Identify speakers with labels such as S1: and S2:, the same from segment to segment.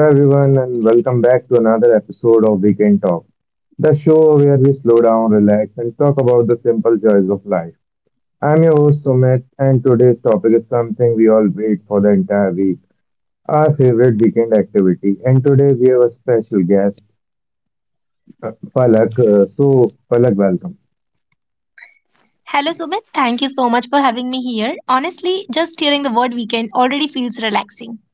S1: Hello, everyone, and welcome back to another episode of Weekend Talk, the show where we slow down, relax, and talk about the simple joys of life. I'm your host, Sumit, and today's topic is something we all wait for the entire week, our favorite weekend activity. And today we have a special guest, Palak. Palak, welcome.
S2: Hello, Sumit. Thank you so much for having me here. Honestly, just hearing the word weekend already feels relaxing.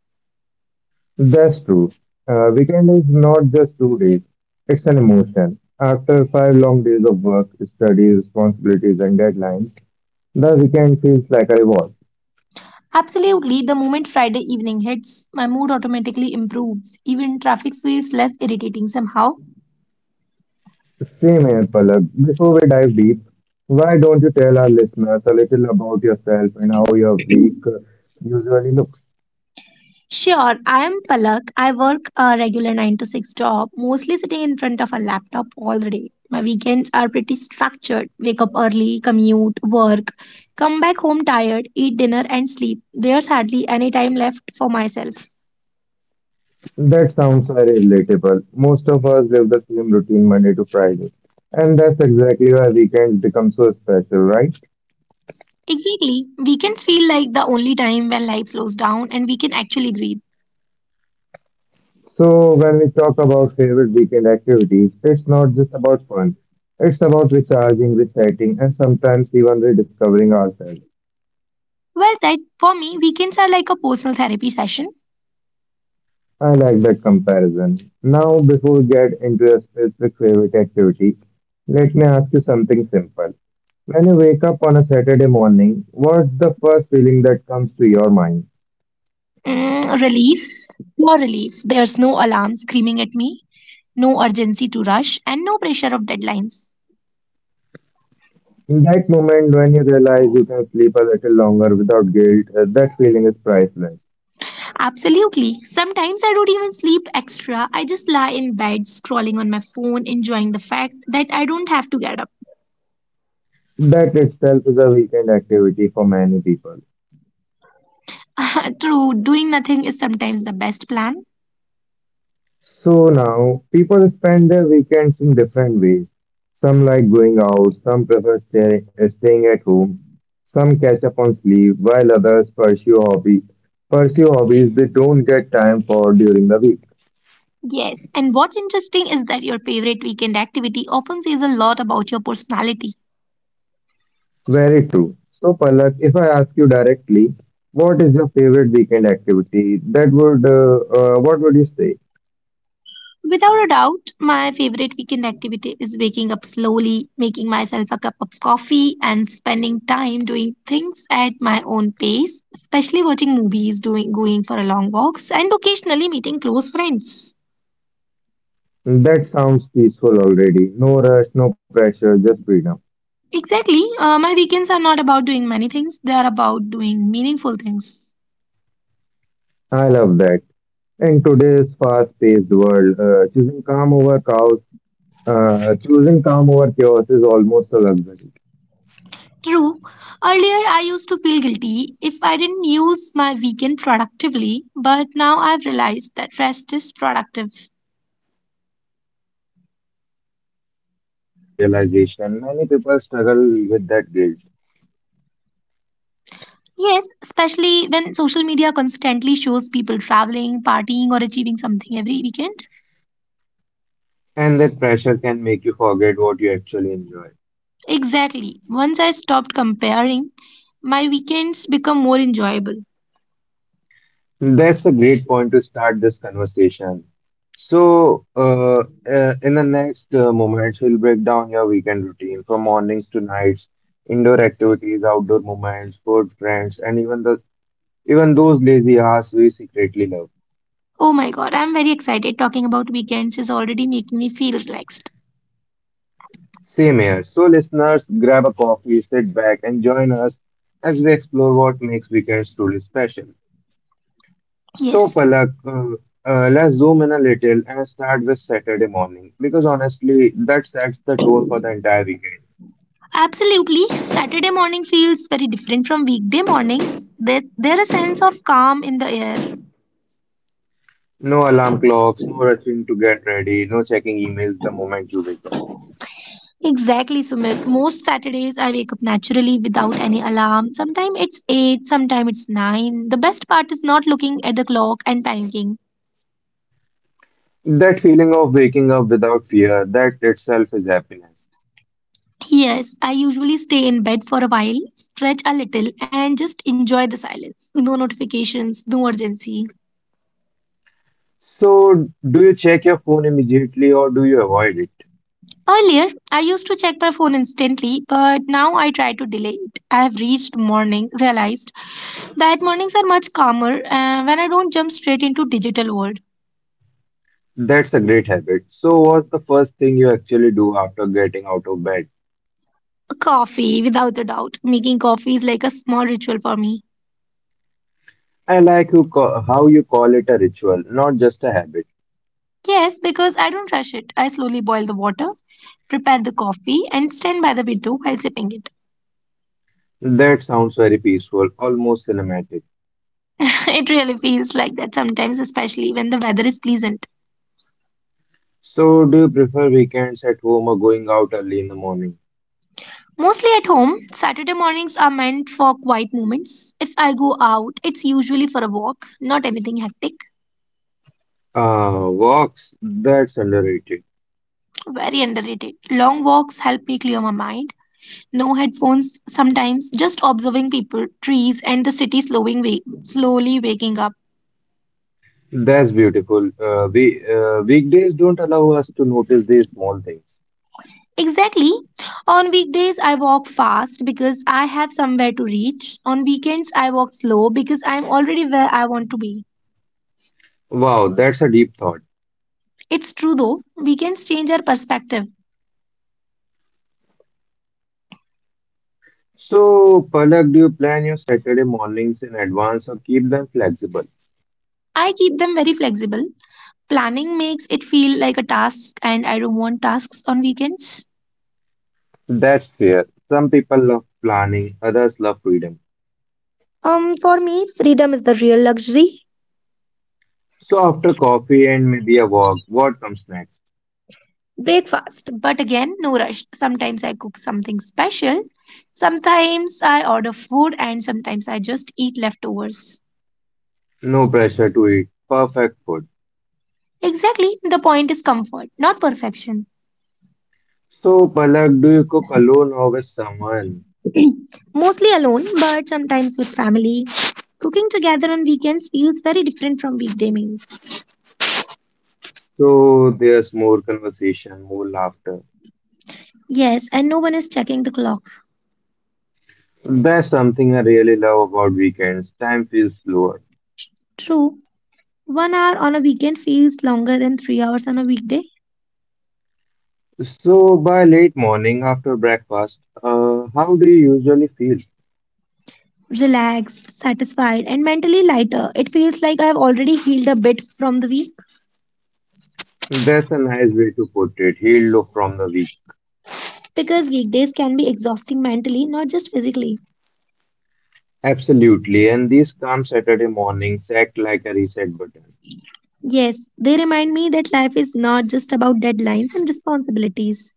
S1: That's true. Weekend is not just 2 days, it's an emotion. After five long days of work, study, responsibilities, and deadlines, the weekend feels like a reward.
S2: Absolutely, the moment Friday evening hits, my mood automatically improves. Even traffic feels less irritating somehow.
S1: Same here, Palak. Before we dive deep, why don't you tell our listeners a little about yourself and how your week usually looks?
S2: Sure, I am Palak. I work a regular 9 to 6 job, mostly sitting in front of a laptop all the day. My weekends are pretty structured. Wake up early, commute, work, come back home tired, eat dinner, and sleep. There's hardly any time left for myself.
S1: That sounds very relatable. Most of us live the same routine Monday to Friday, and that's exactly why weekends become so special, right?
S2: Exactly. Weekends feel like the only time when life slows down and we can actually breathe.
S1: So, when we talk about favorite weekend activities, it's not just about fun, it's about recharging, resetting, and sometimes even rediscovering ourselves.
S2: Well said. For me, weekends are like a personal therapy session.
S1: I like that comparison. Now, before we get into your specific favorite activity, let me ask you something simple. When you wake up on a Saturday morning, what's the first feeling that comes to your mind?
S2: Relief, pure relief. There's no alarm screaming at me, no urgency to rush, and no pressure of deadlines.
S1: In that moment when you realize you can sleep a little longer without guilt, that feeling is priceless.
S2: Absolutely. Sometimes I don't even sleep extra. I just lie in bed, scrolling on my phone, enjoying the fact that I don't have to get up.
S1: That itself is a weekend activity for many people.
S2: True, doing nothing is sometimes the best plan.
S1: So now people spend their weekends in different ways. Some like going out, some prefer staying at home, some catch up on sleep, while others pursue hobbies they don't get time for during the week.
S2: Yes, and what's interesting is that your favorite weekend activity often says a lot about your personality.
S1: Very true. So Palak, if I ask you directly, what is your favorite weekend activity? That would what would you say?
S2: Without a doubt, my favorite weekend activity is waking up slowly, making myself a cup of coffee, and spending time doing things at my own pace, especially watching movies, doing going for a long walks, and occasionally meeting close friends.
S1: That sounds peaceful already. No rush, no pressure, just freedom.
S2: Exactly, my weekends are not about doing many things, they are about doing meaningful things.
S1: I love that. In today's fast-paced world, choosing calm over chaos is almost a luxury.
S2: True. Earlier, I used to feel guilty if I didn't use my weekend productively, but now I've realized that rest is productive.
S1: That's a powerful realization. Many people struggle with that guilt,
S2: Yes, especially when social media constantly shows people traveling, partying, or achieving something every weekend.
S1: and that pressure can make you forget what you actually enjoy.
S2: Exactly. Once I stopped comparing, my weekends become more enjoyable.
S1: That's a great point to start this conversation. So, in the next moments, we'll break down your weekend routine from mornings to nights, indoor activities, outdoor moments, food, friends, and even those lazy ass we secretly love.
S2: Oh my god, I'm very excited. Talking about weekends is already making me feel relaxed.
S1: Same here. So, listeners, grab a coffee, sit back, and join us as we explore what makes weekends truly special. So,
S2: Yes.
S1: Palak, let's zoom in a little and start with Saturday morning because honestly, that sets the tone for the entire weekend.
S2: Absolutely. Saturday morning feels very different from weekday mornings. There a sense of calm in the air.
S1: No alarm clocks, no rushing to get ready, no checking emails the moment you wake up.
S2: Exactly, Sumit. Most Saturdays I wake up naturally without any alarm. Sometimes it's 8, sometimes it's 9. The best part is not looking at the clock and panicking.
S1: That feeling of waking up without fear, that itself is happiness.
S2: Yes, I usually stay in bed for a while, stretch a little, and just enjoy the silence. No notifications, no urgency.
S1: So, do you check your phone immediately or do you avoid it?
S2: Earlier, I used to check my phone instantly, but now I try to delay it. I have reached morning, realized that mornings are much calmer when I don't jump straight into digital world.
S1: That's a great habit. So, what's the first thing you actually do after getting out of bed?
S2: Coffee, without a doubt. Making coffee is like a small ritual for me.
S1: I like you how you call it a ritual, not just a habit.
S2: Yes, because I don't rush it. I slowly boil the water, prepare the coffee, and stand by the window while sipping it.
S1: That sounds very peaceful, almost cinematic.
S2: It really feels like that sometimes, especially when the weather is pleasant.
S1: So, do you prefer weekends at home or going out early in the morning?
S2: Mostly at home, Saturday mornings are meant for quiet moments. If I go out, it's usually for a walk, not anything hectic.
S1: Walks, that's underrated.
S2: Very underrated. Long walks help me clear my mind. No headphones sometimes, just observing people, trees, and the city slowly waking up.
S1: That's beautiful. We Weekdays don't allow us to notice these small things.
S2: Exactly. On weekdays, I walk fast because I have somewhere to reach. On weekends, I walk slow because I'm already where I want to be.
S1: Wow, that's a deep thought.
S2: It's true though, weekends change our perspective.
S1: So, Palak, do you plan your Saturday mornings in advance or keep them flexible?
S2: I keep them very flexible. Planning makes it feel like a task, and I don't want tasks on weekends.
S1: That's fair. Some people love planning, others love freedom.
S2: For me, freedom is the real luxury.
S1: So, after coffee and maybe a walk, what comes next?
S2: Breakfast. But again, no rush. Sometimes I cook something special, sometimes I order food, and sometimes I just eat leftovers.
S1: No pressure to eat. Perfect food.
S2: Exactly, the point is comfort, not perfection.
S1: So, Palak, do you cook alone or with someone?
S2: Mostly alone, but sometimes with family. Cooking together on weekends feels very different from weekday meals.
S1: So, there's more conversation, more laughter.
S2: Yes, and no one is checking the clock.
S1: That's something I really love about weekends. Time feels slower.
S2: True, one hour on a weekend feels longer than 3 hours on a weekday.
S1: So, by late morning after breakfast, how do you usually feel?
S2: Relaxed, satisfied, and mentally lighter. It feels like I have already healed a bit from the week
S1: That's a nice way to put it. Healed look from the week.
S2: because weekdays can be exhausting mentally, not just physically.
S1: Absolutely. And these calm Saturday mornings act like a reset button.
S2: Yes, they remind me that life is not just about deadlines and responsibilities.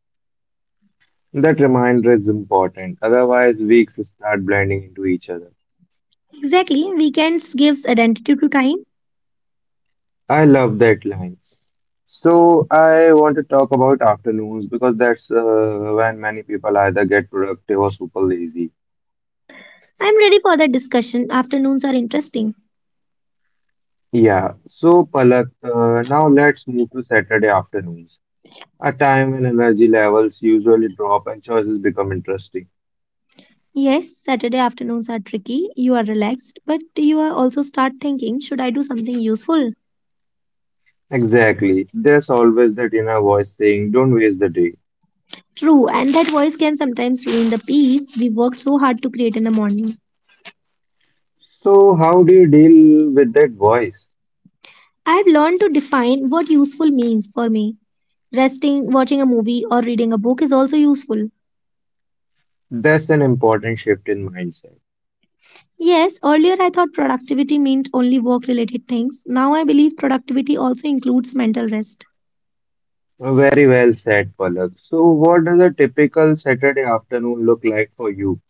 S1: That reminder is important. Otherwise, weeks start blending into each other.
S2: Exactly, weekends gives identity to time.
S1: I love that line. So I want to talk about afternoons because that's when many people either get productive or super lazy.
S2: I'm ready for that discussion. Afternoons are interesting.
S1: Yeah. So Palak, now let's move to Saturday afternoons, a time when energy levels usually drop and choices become interesting.
S2: Yes, Saturday afternoons are tricky. You are relaxed, but you are also start thinking, should I do something useful?
S1: Exactly. There's always that inner voice saying, don't waste the day.
S2: True, and that voice can sometimes ruin the peace we worked so hard to create in the morning.
S1: So, how do you deal with that voice?
S2: I've learned to define what useful means for me. Resting, watching a movie, or reading a book is also useful.
S1: That's an important shift in mindset.
S2: Yes, earlier I thought productivity meant only work related things. Now I believe productivity also includes mental rest.
S1: Very well said, Palak. So, what does a typical Saturday afternoon look like for you?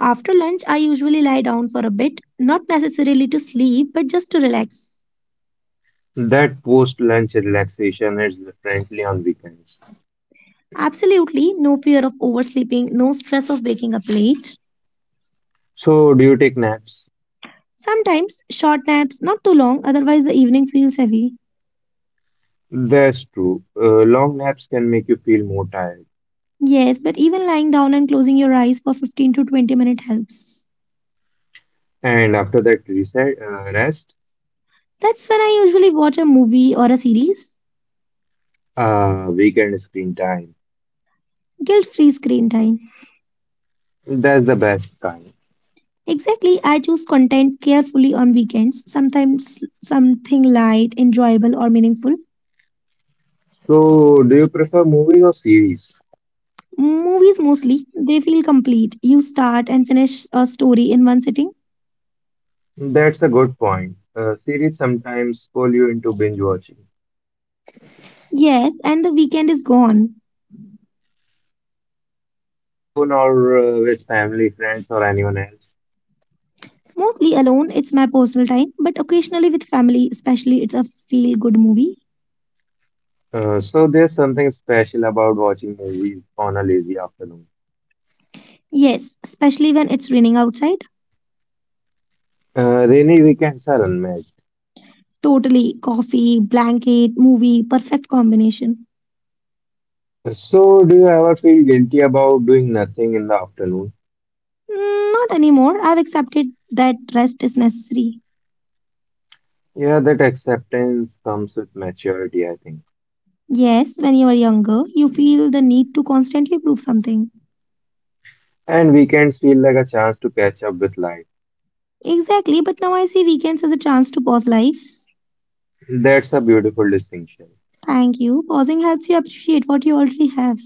S2: After lunch, I usually lie down for a bit, not necessarily to sleep, but just to relax.
S1: That post-lunch relaxation is definitely on weekends.
S2: Absolutely, no fear of oversleeping, no stress of waking up late.
S1: So, do you take naps?
S2: Sometimes short naps, not too long, otherwise the evening feels heavy.
S1: That's true. Long naps can make you feel more tired.
S2: Yes, but even lying down and closing your eyes for 15 to 20 minutes helps.
S1: And after that rest,
S2: That's when I usually watch a movie or a series.
S1: weekend screen time.
S2: Guilt free screen time.
S1: That's the best time.
S2: Exactly, I choose content carefully on weekends, sometimes something light, enjoyable, or meaningful.
S1: So, do you prefer movies or series?
S2: Movies mostly, they feel complete. You start and finish a story in one sitting.
S1: That's a good point. Series sometimes pull you into binge watching.
S2: Yes, and the weekend is gone.
S1: So, do you watch alone or with family, friends, or anyone else?
S2: Mostly alone, it's my personal time, but occasionally with family, especially it's a feel good movie.
S1: There's something special about watching movies on a lazy afternoon.
S2: Yes, especially when it's raining outside.
S1: Rainy weekends are unmatched.
S2: Totally coffee, blanket, movie, perfect combination.
S1: So, do you ever feel guilty about doing nothing in the afternoon?
S2: Not anymore. I've accepted that rest is necessary.
S1: Yeah, that acceptance comes with maturity, I think.
S2: Yes, when you are younger, you feel the need to constantly prove something.
S1: And weekends feel like a chance to catch up with life.
S2: Exactly, but now I see weekends as a chance to pause life.
S1: That's a beautiful distinction.
S2: Thank you. Pausing helps you appreciate what you already have.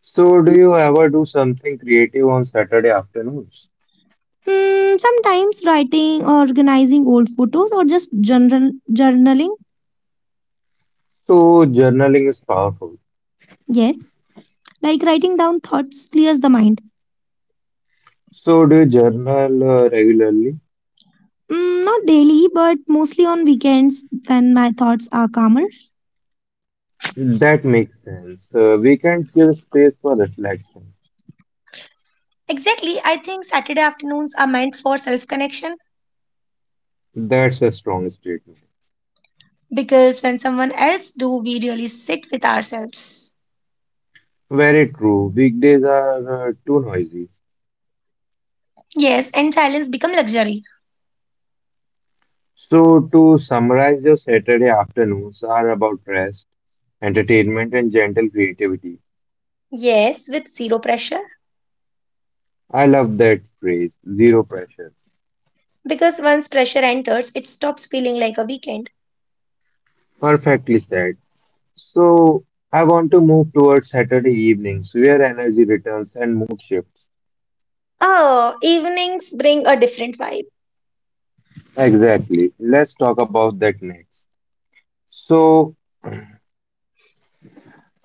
S1: So, do you ever do something creative on Saturday afternoons?
S2: Sometimes writing or organizing old photos or just general journaling.
S1: So, journaling is powerful.
S2: Yes, like writing down thoughts clears the mind.
S1: So, do you journal regularly?
S2: Not daily, but mostly on weekends when my thoughts are calmer.
S1: That makes sense. Weekends give space for reflection.
S2: Exactly, I think Saturday afternoons are meant for self connection
S1: That's a strong statement.
S2: because when someone else do we really sit with ourselves.
S1: Very true. Weekdays are too noisy.
S2: Yes, and silence become luxury.
S1: So, to summarize, your Saturday afternoons are about rest, entertainment, and gentle creativity.
S2: Yes, with zero pressure
S1: I love that phrase, zero pressure.
S2: because once pressure enters it stops feeling like a weekend.
S1: Perfectly said. So I want to move towards Saturday evenings where energy returns and mood shifts.
S2: Oh, evenings bring a different vibe.
S1: Exactly. Let's talk about that next. So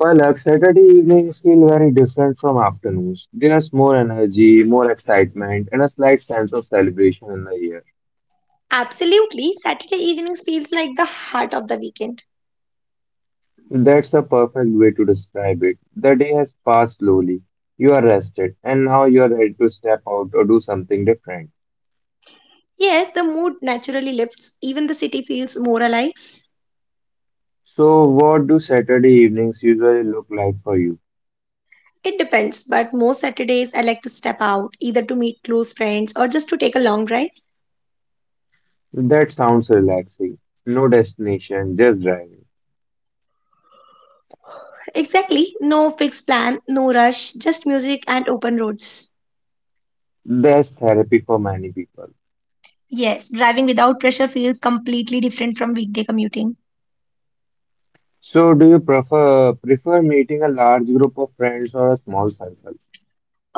S1: Palak, Saturday evenings feel very different from afternoons. There's more energy, more excitement, and a slight sense of celebration in the air.
S2: Absolutely, Saturday evenings feels like the heart of the weekend.
S1: That's a perfect way to describe it. The day has passed slowly. You are rested, and now you are ready to step out or do something different.
S2: Yes, the mood naturally lifts, even the city feels more alive.
S1: So, what do Saturday evenings usually look like for you?
S2: It depends, but most Saturdays I like to step out, either to meet close friends or just to take a long drive.
S1: That sounds relaxing. No destination, just driving.
S2: Exactly, no fixed plan, no rush, just music and open roads.
S1: That's therapy for many people.
S2: Yes, driving without pressure feels completely different from weekday commuting.
S1: So, do you prefer meeting a large group of friends or a small circle?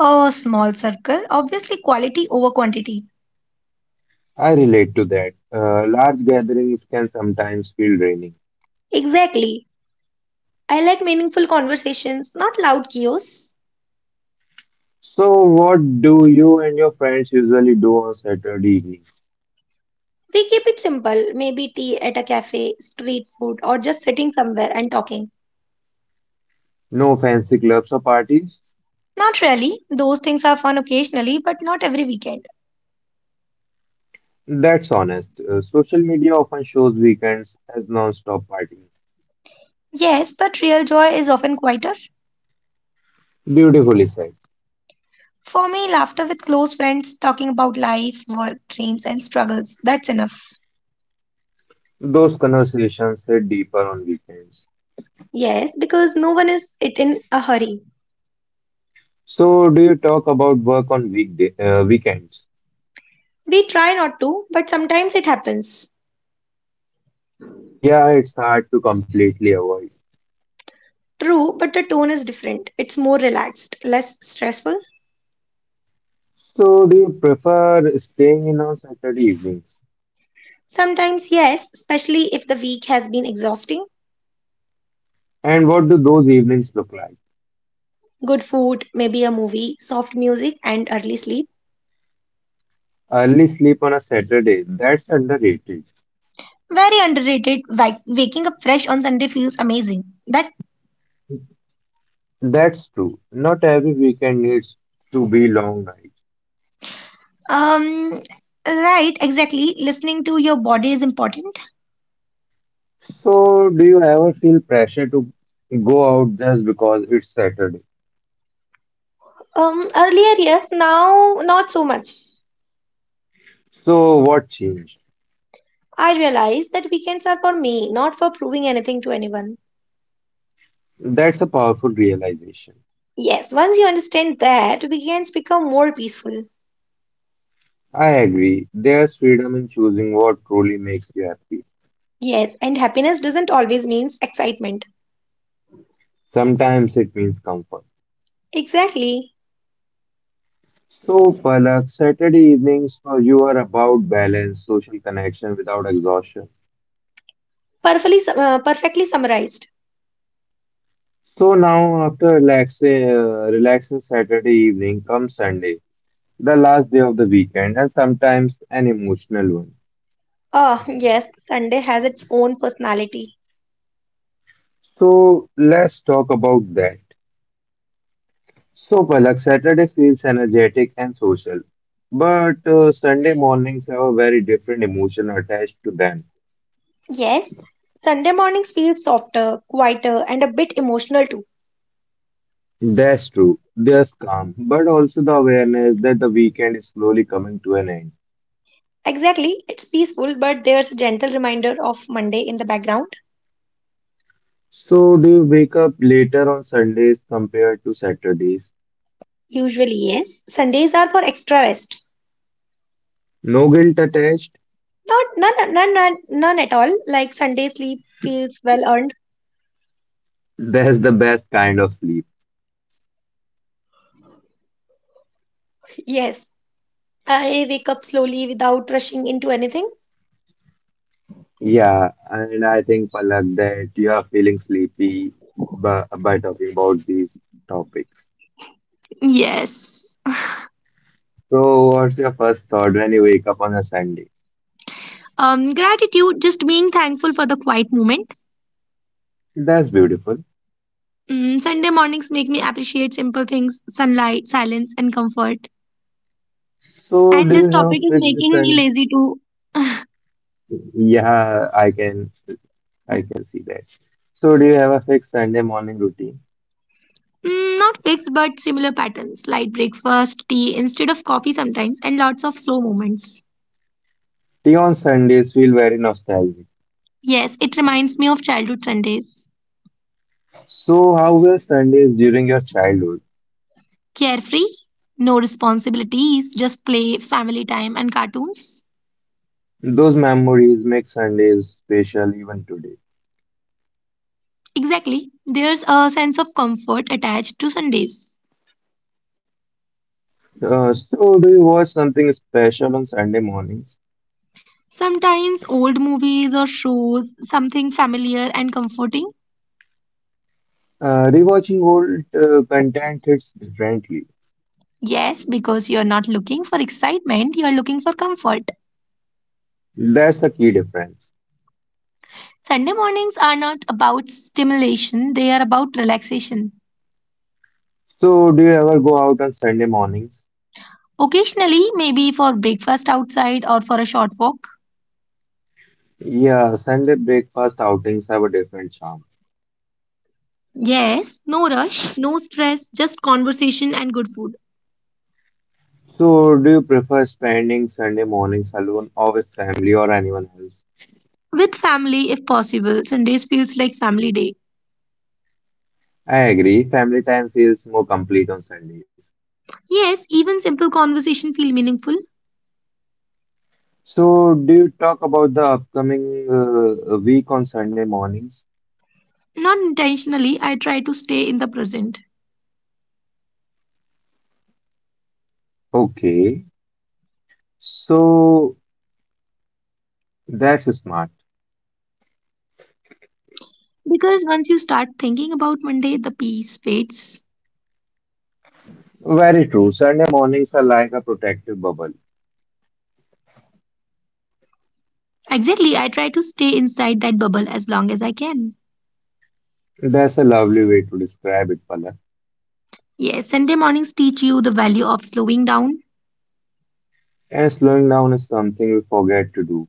S2: A small circle, obviously quality over quantity.
S1: I relate to that. Large gatherings can sometimes feel draining.
S2: Exactly. I like meaningful conversations, not loud chaos.
S1: So, what do you and your friends usually do on Saturday evening?
S2: We keep it simple, maybe tea at a cafe, street food, or just sitting somewhere and talking.
S1: No fancy clubs or parties?
S2: Not really. Those things are fun occasionally, but not every weekend.
S1: That's honest. Social media often shows weekends as non-stop partying.
S2: Yes, but real joy is often quieter.
S1: Beautifully said.
S2: For me, laughter with close friends, talking about life, work, dreams, and struggles, that's enough.
S1: Those conversations hit deeper on weekends.
S2: Yes, because no one is it in a hurry.
S1: So, do you talk about work on weekday weekends?
S2: We try not to, but sometimes it happens.
S1: Yeah, it's hard to completely avoid.
S2: True, but the tone is different. It's more relaxed, less stressful.
S1: So, do you prefer staying in on Saturday evenings?
S2: Sometimes, yes, especially if the week has been exhausting.
S1: And what do those evenings look like?
S2: Good food, maybe a movie, soft music, and early sleep.
S1: Early sleep on a Saturday, that's underrated.
S2: Very underrated. Like waking up fresh on Sunday feels amazing. That
S1: That's true. Not every weekend needs to be long nights.
S2: um right, exactly. Listening to your body is important.
S1: So, do you ever feel pressure to go out just because it's Saturday?
S2: Earlier, yes, now not so much.
S1: So, what changed?
S2: I realize that weekends are for me, not for proving anything to anyone.
S1: That's a powerful realization.
S2: Yes, once you understand that, weekends become more peaceful.
S1: I agree. There's freedom in choosing what truly makes you happy.
S2: Yes, and happiness doesn't always means excitement.
S1: Sometimes it means comfort.
S2: Exactly.
S1: So, Palak, Saturday evenings for you are about balance, social connection without exhaustion.
S2: Perfectly, perfectly summarized.
S1: So now, after relaxing Saturday evening comes Sunday, the last day of the weekend, and sometimes an emotional one.
S2: Ah, yes, Sunday has its own personality.
S1: So let's talk about that. So, Palak, Saturday feels energetic and social, but Sunday mornings have a very different emotion attached to them.
S2: Yes, Sunday mornings feel softer, quieter, and a bit emotional too.
S1: That's true. There's calm, but also the awareness that the weekend is slowly coming to an end.
S2: Exactly, it's peaceful, but there's a gentle reminder of Monday in the background.
S1: So, do you wake up later on Sundays compared to Saturdays?
S2: Usually, yes. Sundays are for extra rest.
S1: No guilt attached?
S2: Not none at all. Like Sunday sleep feels well earned.
S1: That's the best kind of sleep.
S2: Yes, I wake up slowly without rushing into anything.
S1: Yeah, and I think, Palak, that you are feeling sleepy by talking about these topics.
S2: Yes.
S1: So, what's your first thought when you wake up on a Sunday?
S2: Gratitude, just being thankful for the quiet moment.
S1: That's beautiful.
S2: Sunday mornings make me appreciate simple things, sunlight, silence, and comfort.
S1: So,
S2: And
S1: do
S2: this
S1: you have a
S2: topic is
S1: fixed
S2: making me
S1: Sunday?
S2: lazy too.
S1: Yeah, I can see that. So, do you have a fixed Sunday morning routine?
S2: Not fixed but similar patterns, light breakfast, tea instead of coffee sometimes, and lots of slow moments.
S1: Tea on Sundays feel very nostalgic.
S2: Yes, it reminds me of childhood Sundays.
S1: So, how were Sundays during your childhood?
S2: Carefree, no responsibilities, just play, family time, and cartoons.
S1: Those memories make Sundays special even today.
S2: Exactly. There's a sense of comfort attached to Sundays.
S1: So, do you watch something special on Sunday mornings?
S2: Sometimes old movies or shows, something familiar and comforting.
S1: Rewatching old content hits differently.
S2: Yes, because you're not looking for excitement, you're looking for comfort.
S1: That's the key difference.
S2: Sunday mornings are not about stimulation, they are about relaxation.
S1: So, do you ever go out on Sunday mornings?
S2: Occasionally, maybe for breakfast outside or for a short walk.
S1: Yeah, Sunday breakfast outings have a different charm.
S2: Yes, no rush, no stress, just conversation and good food.
S1: So, do you prefer spending Sunday mornings alone or with family or anyone else?
S2: With family, if possible, Sundays feels like family day.
S1: I agree, family time feels more complete on Sundays.
S2: Yes, even simple conversation feel meaningful.
S1: So, do you talk about the upcoming week on Sunday mornings?
S2: Not intentionally, I try to stay in the present.
S1: Okay, so that's smart.
S2: Because once you start thinking about Monday, the peace fades.
S1: Very true. Sunday mornings are like a protective bubble.
S2: Exactly, I try to stay inside that bubble as long as I can.
S1: That's a lovely way to describe it, Palak.
S2: Yes, Sunday mornings teach you the value of slowing down.
S1: And slowing down is something we forget to do.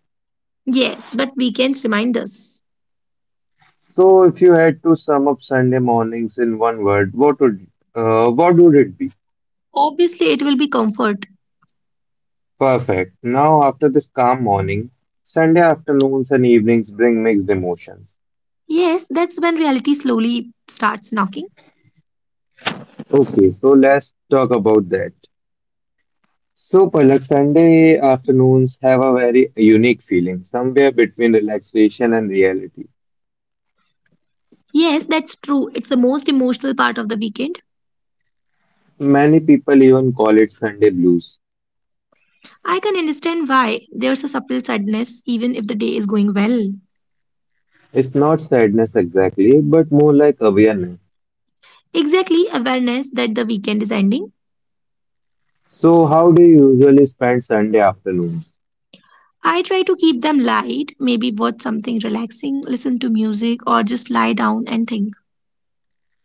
S2: Yes, but weekends remind us.
S1: So, if you had to sum up Sunday mornings in one word, what would it be?
S2: Obviously, it will be comfort.
S1: Perfect. Now, after this calm morning, Sunday afternoons and evenings bring mixed emotions.
S2: Yes, that's when reality slowly starts knocking.
S1: Okay, so let's talk about that. So, Palak, Sunday afternoons have a very unique feeling, somewhere between relaxation and reality.
S2: Yes, that's true. It's the most emotional part of the weekend.
S1: Many people even call it Sunday blues.
S2: I can understand why there's a subtle sadness even if the day is going well.
S1: It's not sadness exactly, but more like awareness.
S2: Exactly, awareness that the weekend is ending.
S1: So, how do you usually spend Sunday afternoons?
S2: I try to keep them light, maybe watch something relaxing, listen to music, or just lie down and think.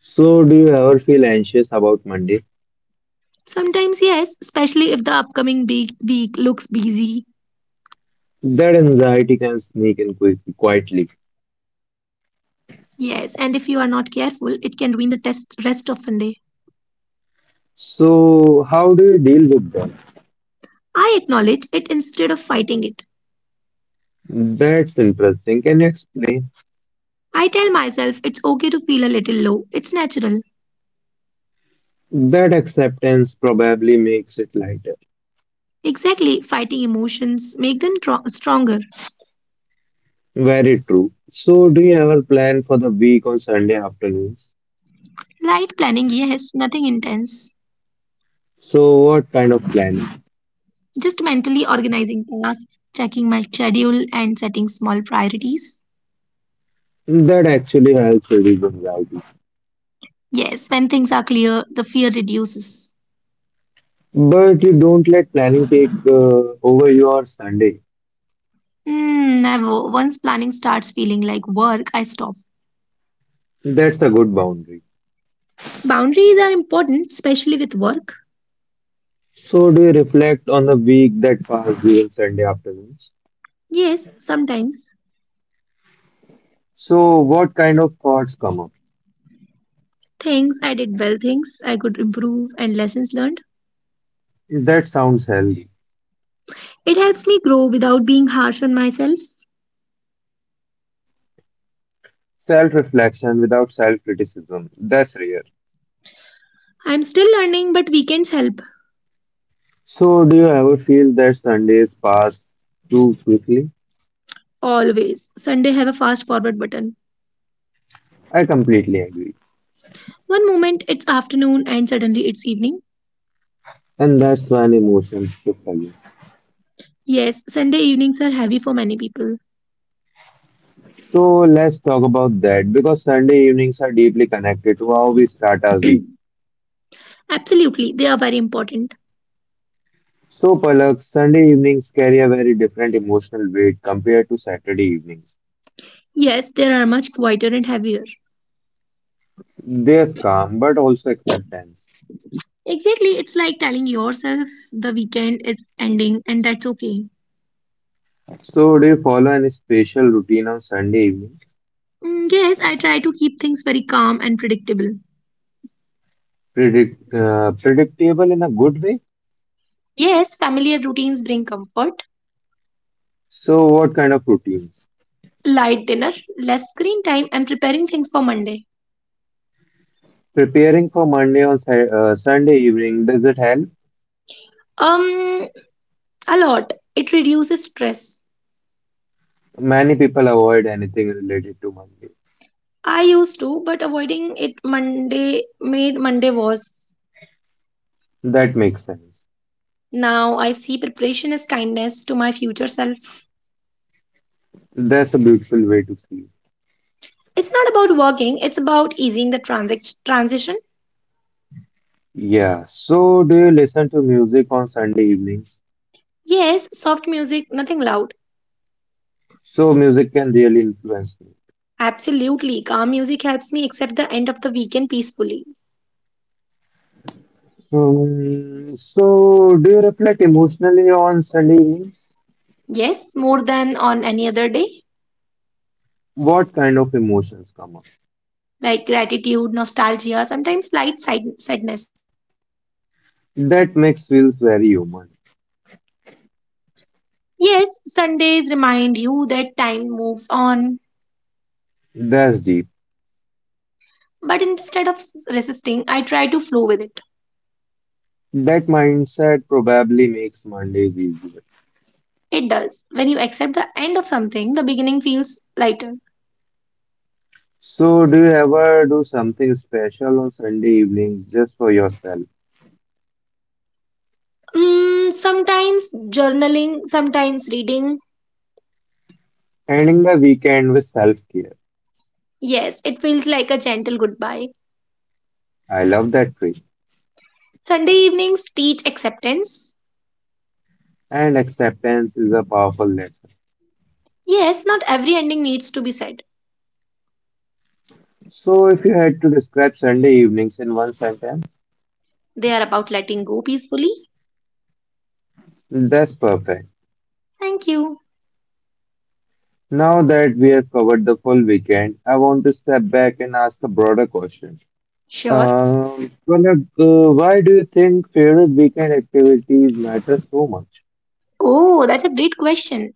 S1: So, do you ever feel anxious about Monday?
S2: Sometimes, yes, especially if the upcoming big week looks busy.
S1: That anxiety can sneak in quick, quietly.
S2: Yes, and if you are not careful, it can ruin the test rest of Sunday.
S1: So, how do you deal with that?
S2: I acknowledge it instead of fighting it.
S1: That's interesting. Can you explain?
S2: I tell myself it's okay to feel a little low. It's natural.
S1: That acceptance probably makes it lighter.
S2: Exactly, fighting emotions make them stronger.
S1: Very true. So, do you ever plan for the week on Sunday afternoons?
S2: Light planning, yes, nothing intense.
S1: So, what kind of planning?
S2: Just mentally organizing tasks, checking my schedule and setting small priorities.
S1: That actually helps reduce anxiety.
S2: Yes, when things are clear, the fear reduces.
S1: But you don't let planning take over your Sunday.
S2: Hmm, never. Once planning starts feeling like work, I stop.
S1: That's a good boundary.
S2: Boundaries are important, especially with work.
S1: So, do you reflect on the week that passed during Sunday afternoons?
S2: Yes, sometimes.
S1: So, what kind of thoughts come up?
S2: Things I did well, things I could improve, and lessons learned.
S1: That sounds healthy.
S2: It helps me grow without being harsh on myself.
S1: Self reflection without self criticism. That's rare.
S2: I'm still learning, but weekends help.
S1: So, do you ever feel that Sundays pass too quickly?
S2: Always. Sunday have a fast forward button.
S1: I completely agree.
S2: One moment it's afternoon and suddenly it's evening.
S1: And that's when emotions shift again.
S2: Yes, Sunday evenings are heavy for many people.
S1: So, let's talk about that because Sunday evenings are deeply connected to how we start our week.
S2: Absolutely, they are very important.
S1: So, Palak, Sunday evenings carry a very different emotional weight compared to Saturday evenings.
S2: Yes, they are much quieter and heavier.
S1: There's calm, but also acceptance.
S2: Exactly, it's like telling yourself the weekend is ending and that's okay.
S1: So, do you follow any special routine on Sunday evenings?
S2: Mm, yes, I try to keep things very calm and predictable.
S1: Predictable in a good way?
S2: Yes, familiar routines bring comfort,
S1: So, what kind of routines?
S2: light dinner, less screen time, and preparing things for Monday.
S1: Preparing for Monday on Sunday evening, does it help?
S2: Um, a lot. It reduces stress.
S1: Many people avoid anything related to Monday.
S2: I used to, but avoiding it Monday made Monday worse.
S1: That makes sense.
S2: Now I see preparation as kindness to my future self.
S1: That's a beautiful way to see.
S2: It's not about working, it's about easing the transition.
S1: Yeah. So, do you listen to music on Sunday evenings?
S2: Yes, soft music, nothing loud.
S1: So music can really influence me.
S2: Absolutely. Calm music helps me accept the end of the weekend peacefully.
S1: So do you reflect emotionally on Sunday evenings?
S2: Yes, more than on any other day.
S1: What kind of emotions come up?
S2: Like gratitude, nostalgia, sometimes slight sadness.
S1: That makes feels very human.
S2: Yes, Sundays remind you that time moves on.
S1: That's deep.
S2: But instead of resisting, I try to flow with it.
S1: That mindset probably makes Mondays easier.
S2: It does. When you accept the end of something, the beginning feels lighter.
S1: So do you ever do something special on Sunday evenings just for yourself?
S2: Mm, sometimes journaling, sometimes reading.
S1: Ending the weekend with self-care.
S2: Yes, it feels like a gentle goodbye.
S1: I love that phrase.
S2: Sunday evenings teach acceptance.
S1: And acceptance is a powerful lesson.
S2: Yes, not every ending needs to be sad.
S1: So if you had to describe Sunday evenings in one sentence,
S2: They are about letting go peacefully.
S1: that's perfect.
S2: Thank you.
S1: Now that we have covered the full weekend, I want to step back and ask a broader question.
S2: Sure.
S1: Pranav, why do you think favorite weekend activities matter so much?
S2: Oh, that's a great question.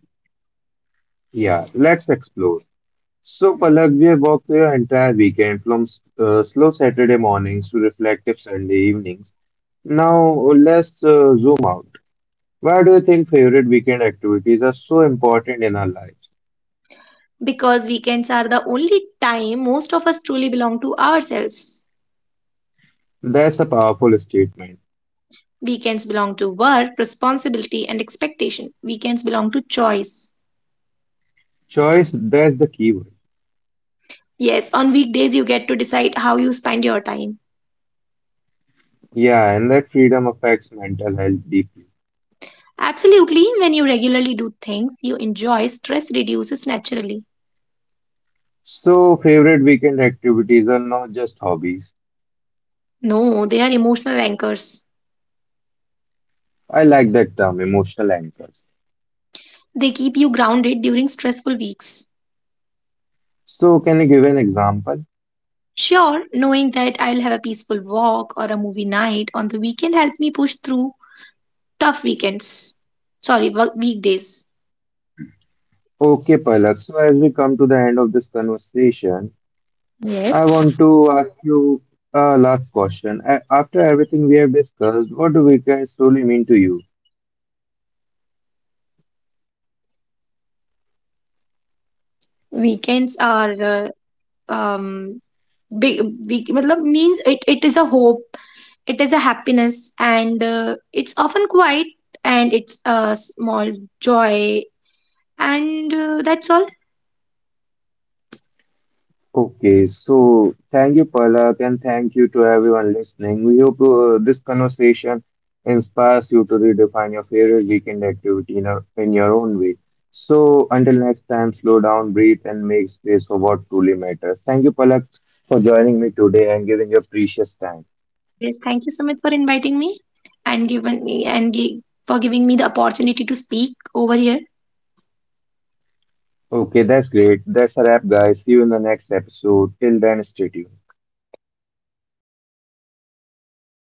S1: Yeah, let's explore. So, Palak, we have walked through your entire weekend from slow Saturday mornings to reflective Sunday evenings. Now, let's zoom out. Why do you think favorite weekend activities are so important in our lives?
S2: Because weekends are the only time most of us truly belong to ourselves.
S1: That's a powerful statement.
S2: Weekends belong to work, responsibility, and expectation. Weekends belong to choice.
S1: Choice, that's the keyword.
S2: Yes, on weekdays you get to decide how you spend your time.
S1: Yeah, and that freedom affects mental health deeply.
S2: Absolutely, when you regularly do things you enjoy, stress reduces naturally.
S1: So, favorite weekend activities are not just hobbies.
S2: No, they are emotional anchors.
S1: I like that term, emotional anchors.
S2: They keep you grounded during stressful weeks.
S1: So, can you give an example?
S2: Sure, knowing that I'll have a peaceful walk or a movie night on the weekend helped me push through tough weekends. Sorry, weekdays.
S1: Okay, Palak. So, as we come to the end of this conversation, I
S2: Yes.
S1: want to ask you a last question. After everything we have discussed, what do weekends truly mean to you?
S2: Weekends are um big, big matlab means it is a hope, it is a happiness, and it's often quiet and it's a small joy. And that's all.
S1: Okay, so thank you, Palak, and thank you to everyone listening. We hope this conversation inspires you to redefine your favorite weekend activity in your own way. So, until next time, slow down, breathe, and make space for what truly matters. Thank you, Palak, for joining me today and giving your precious time.
S2: Yes, thank you, Sumit, for inviting me and given me and for giving me the opportunity to speak over here.
S1: Okay, that's great. That's a wrap, guys. See you in the next episode. Till then, stay tuned.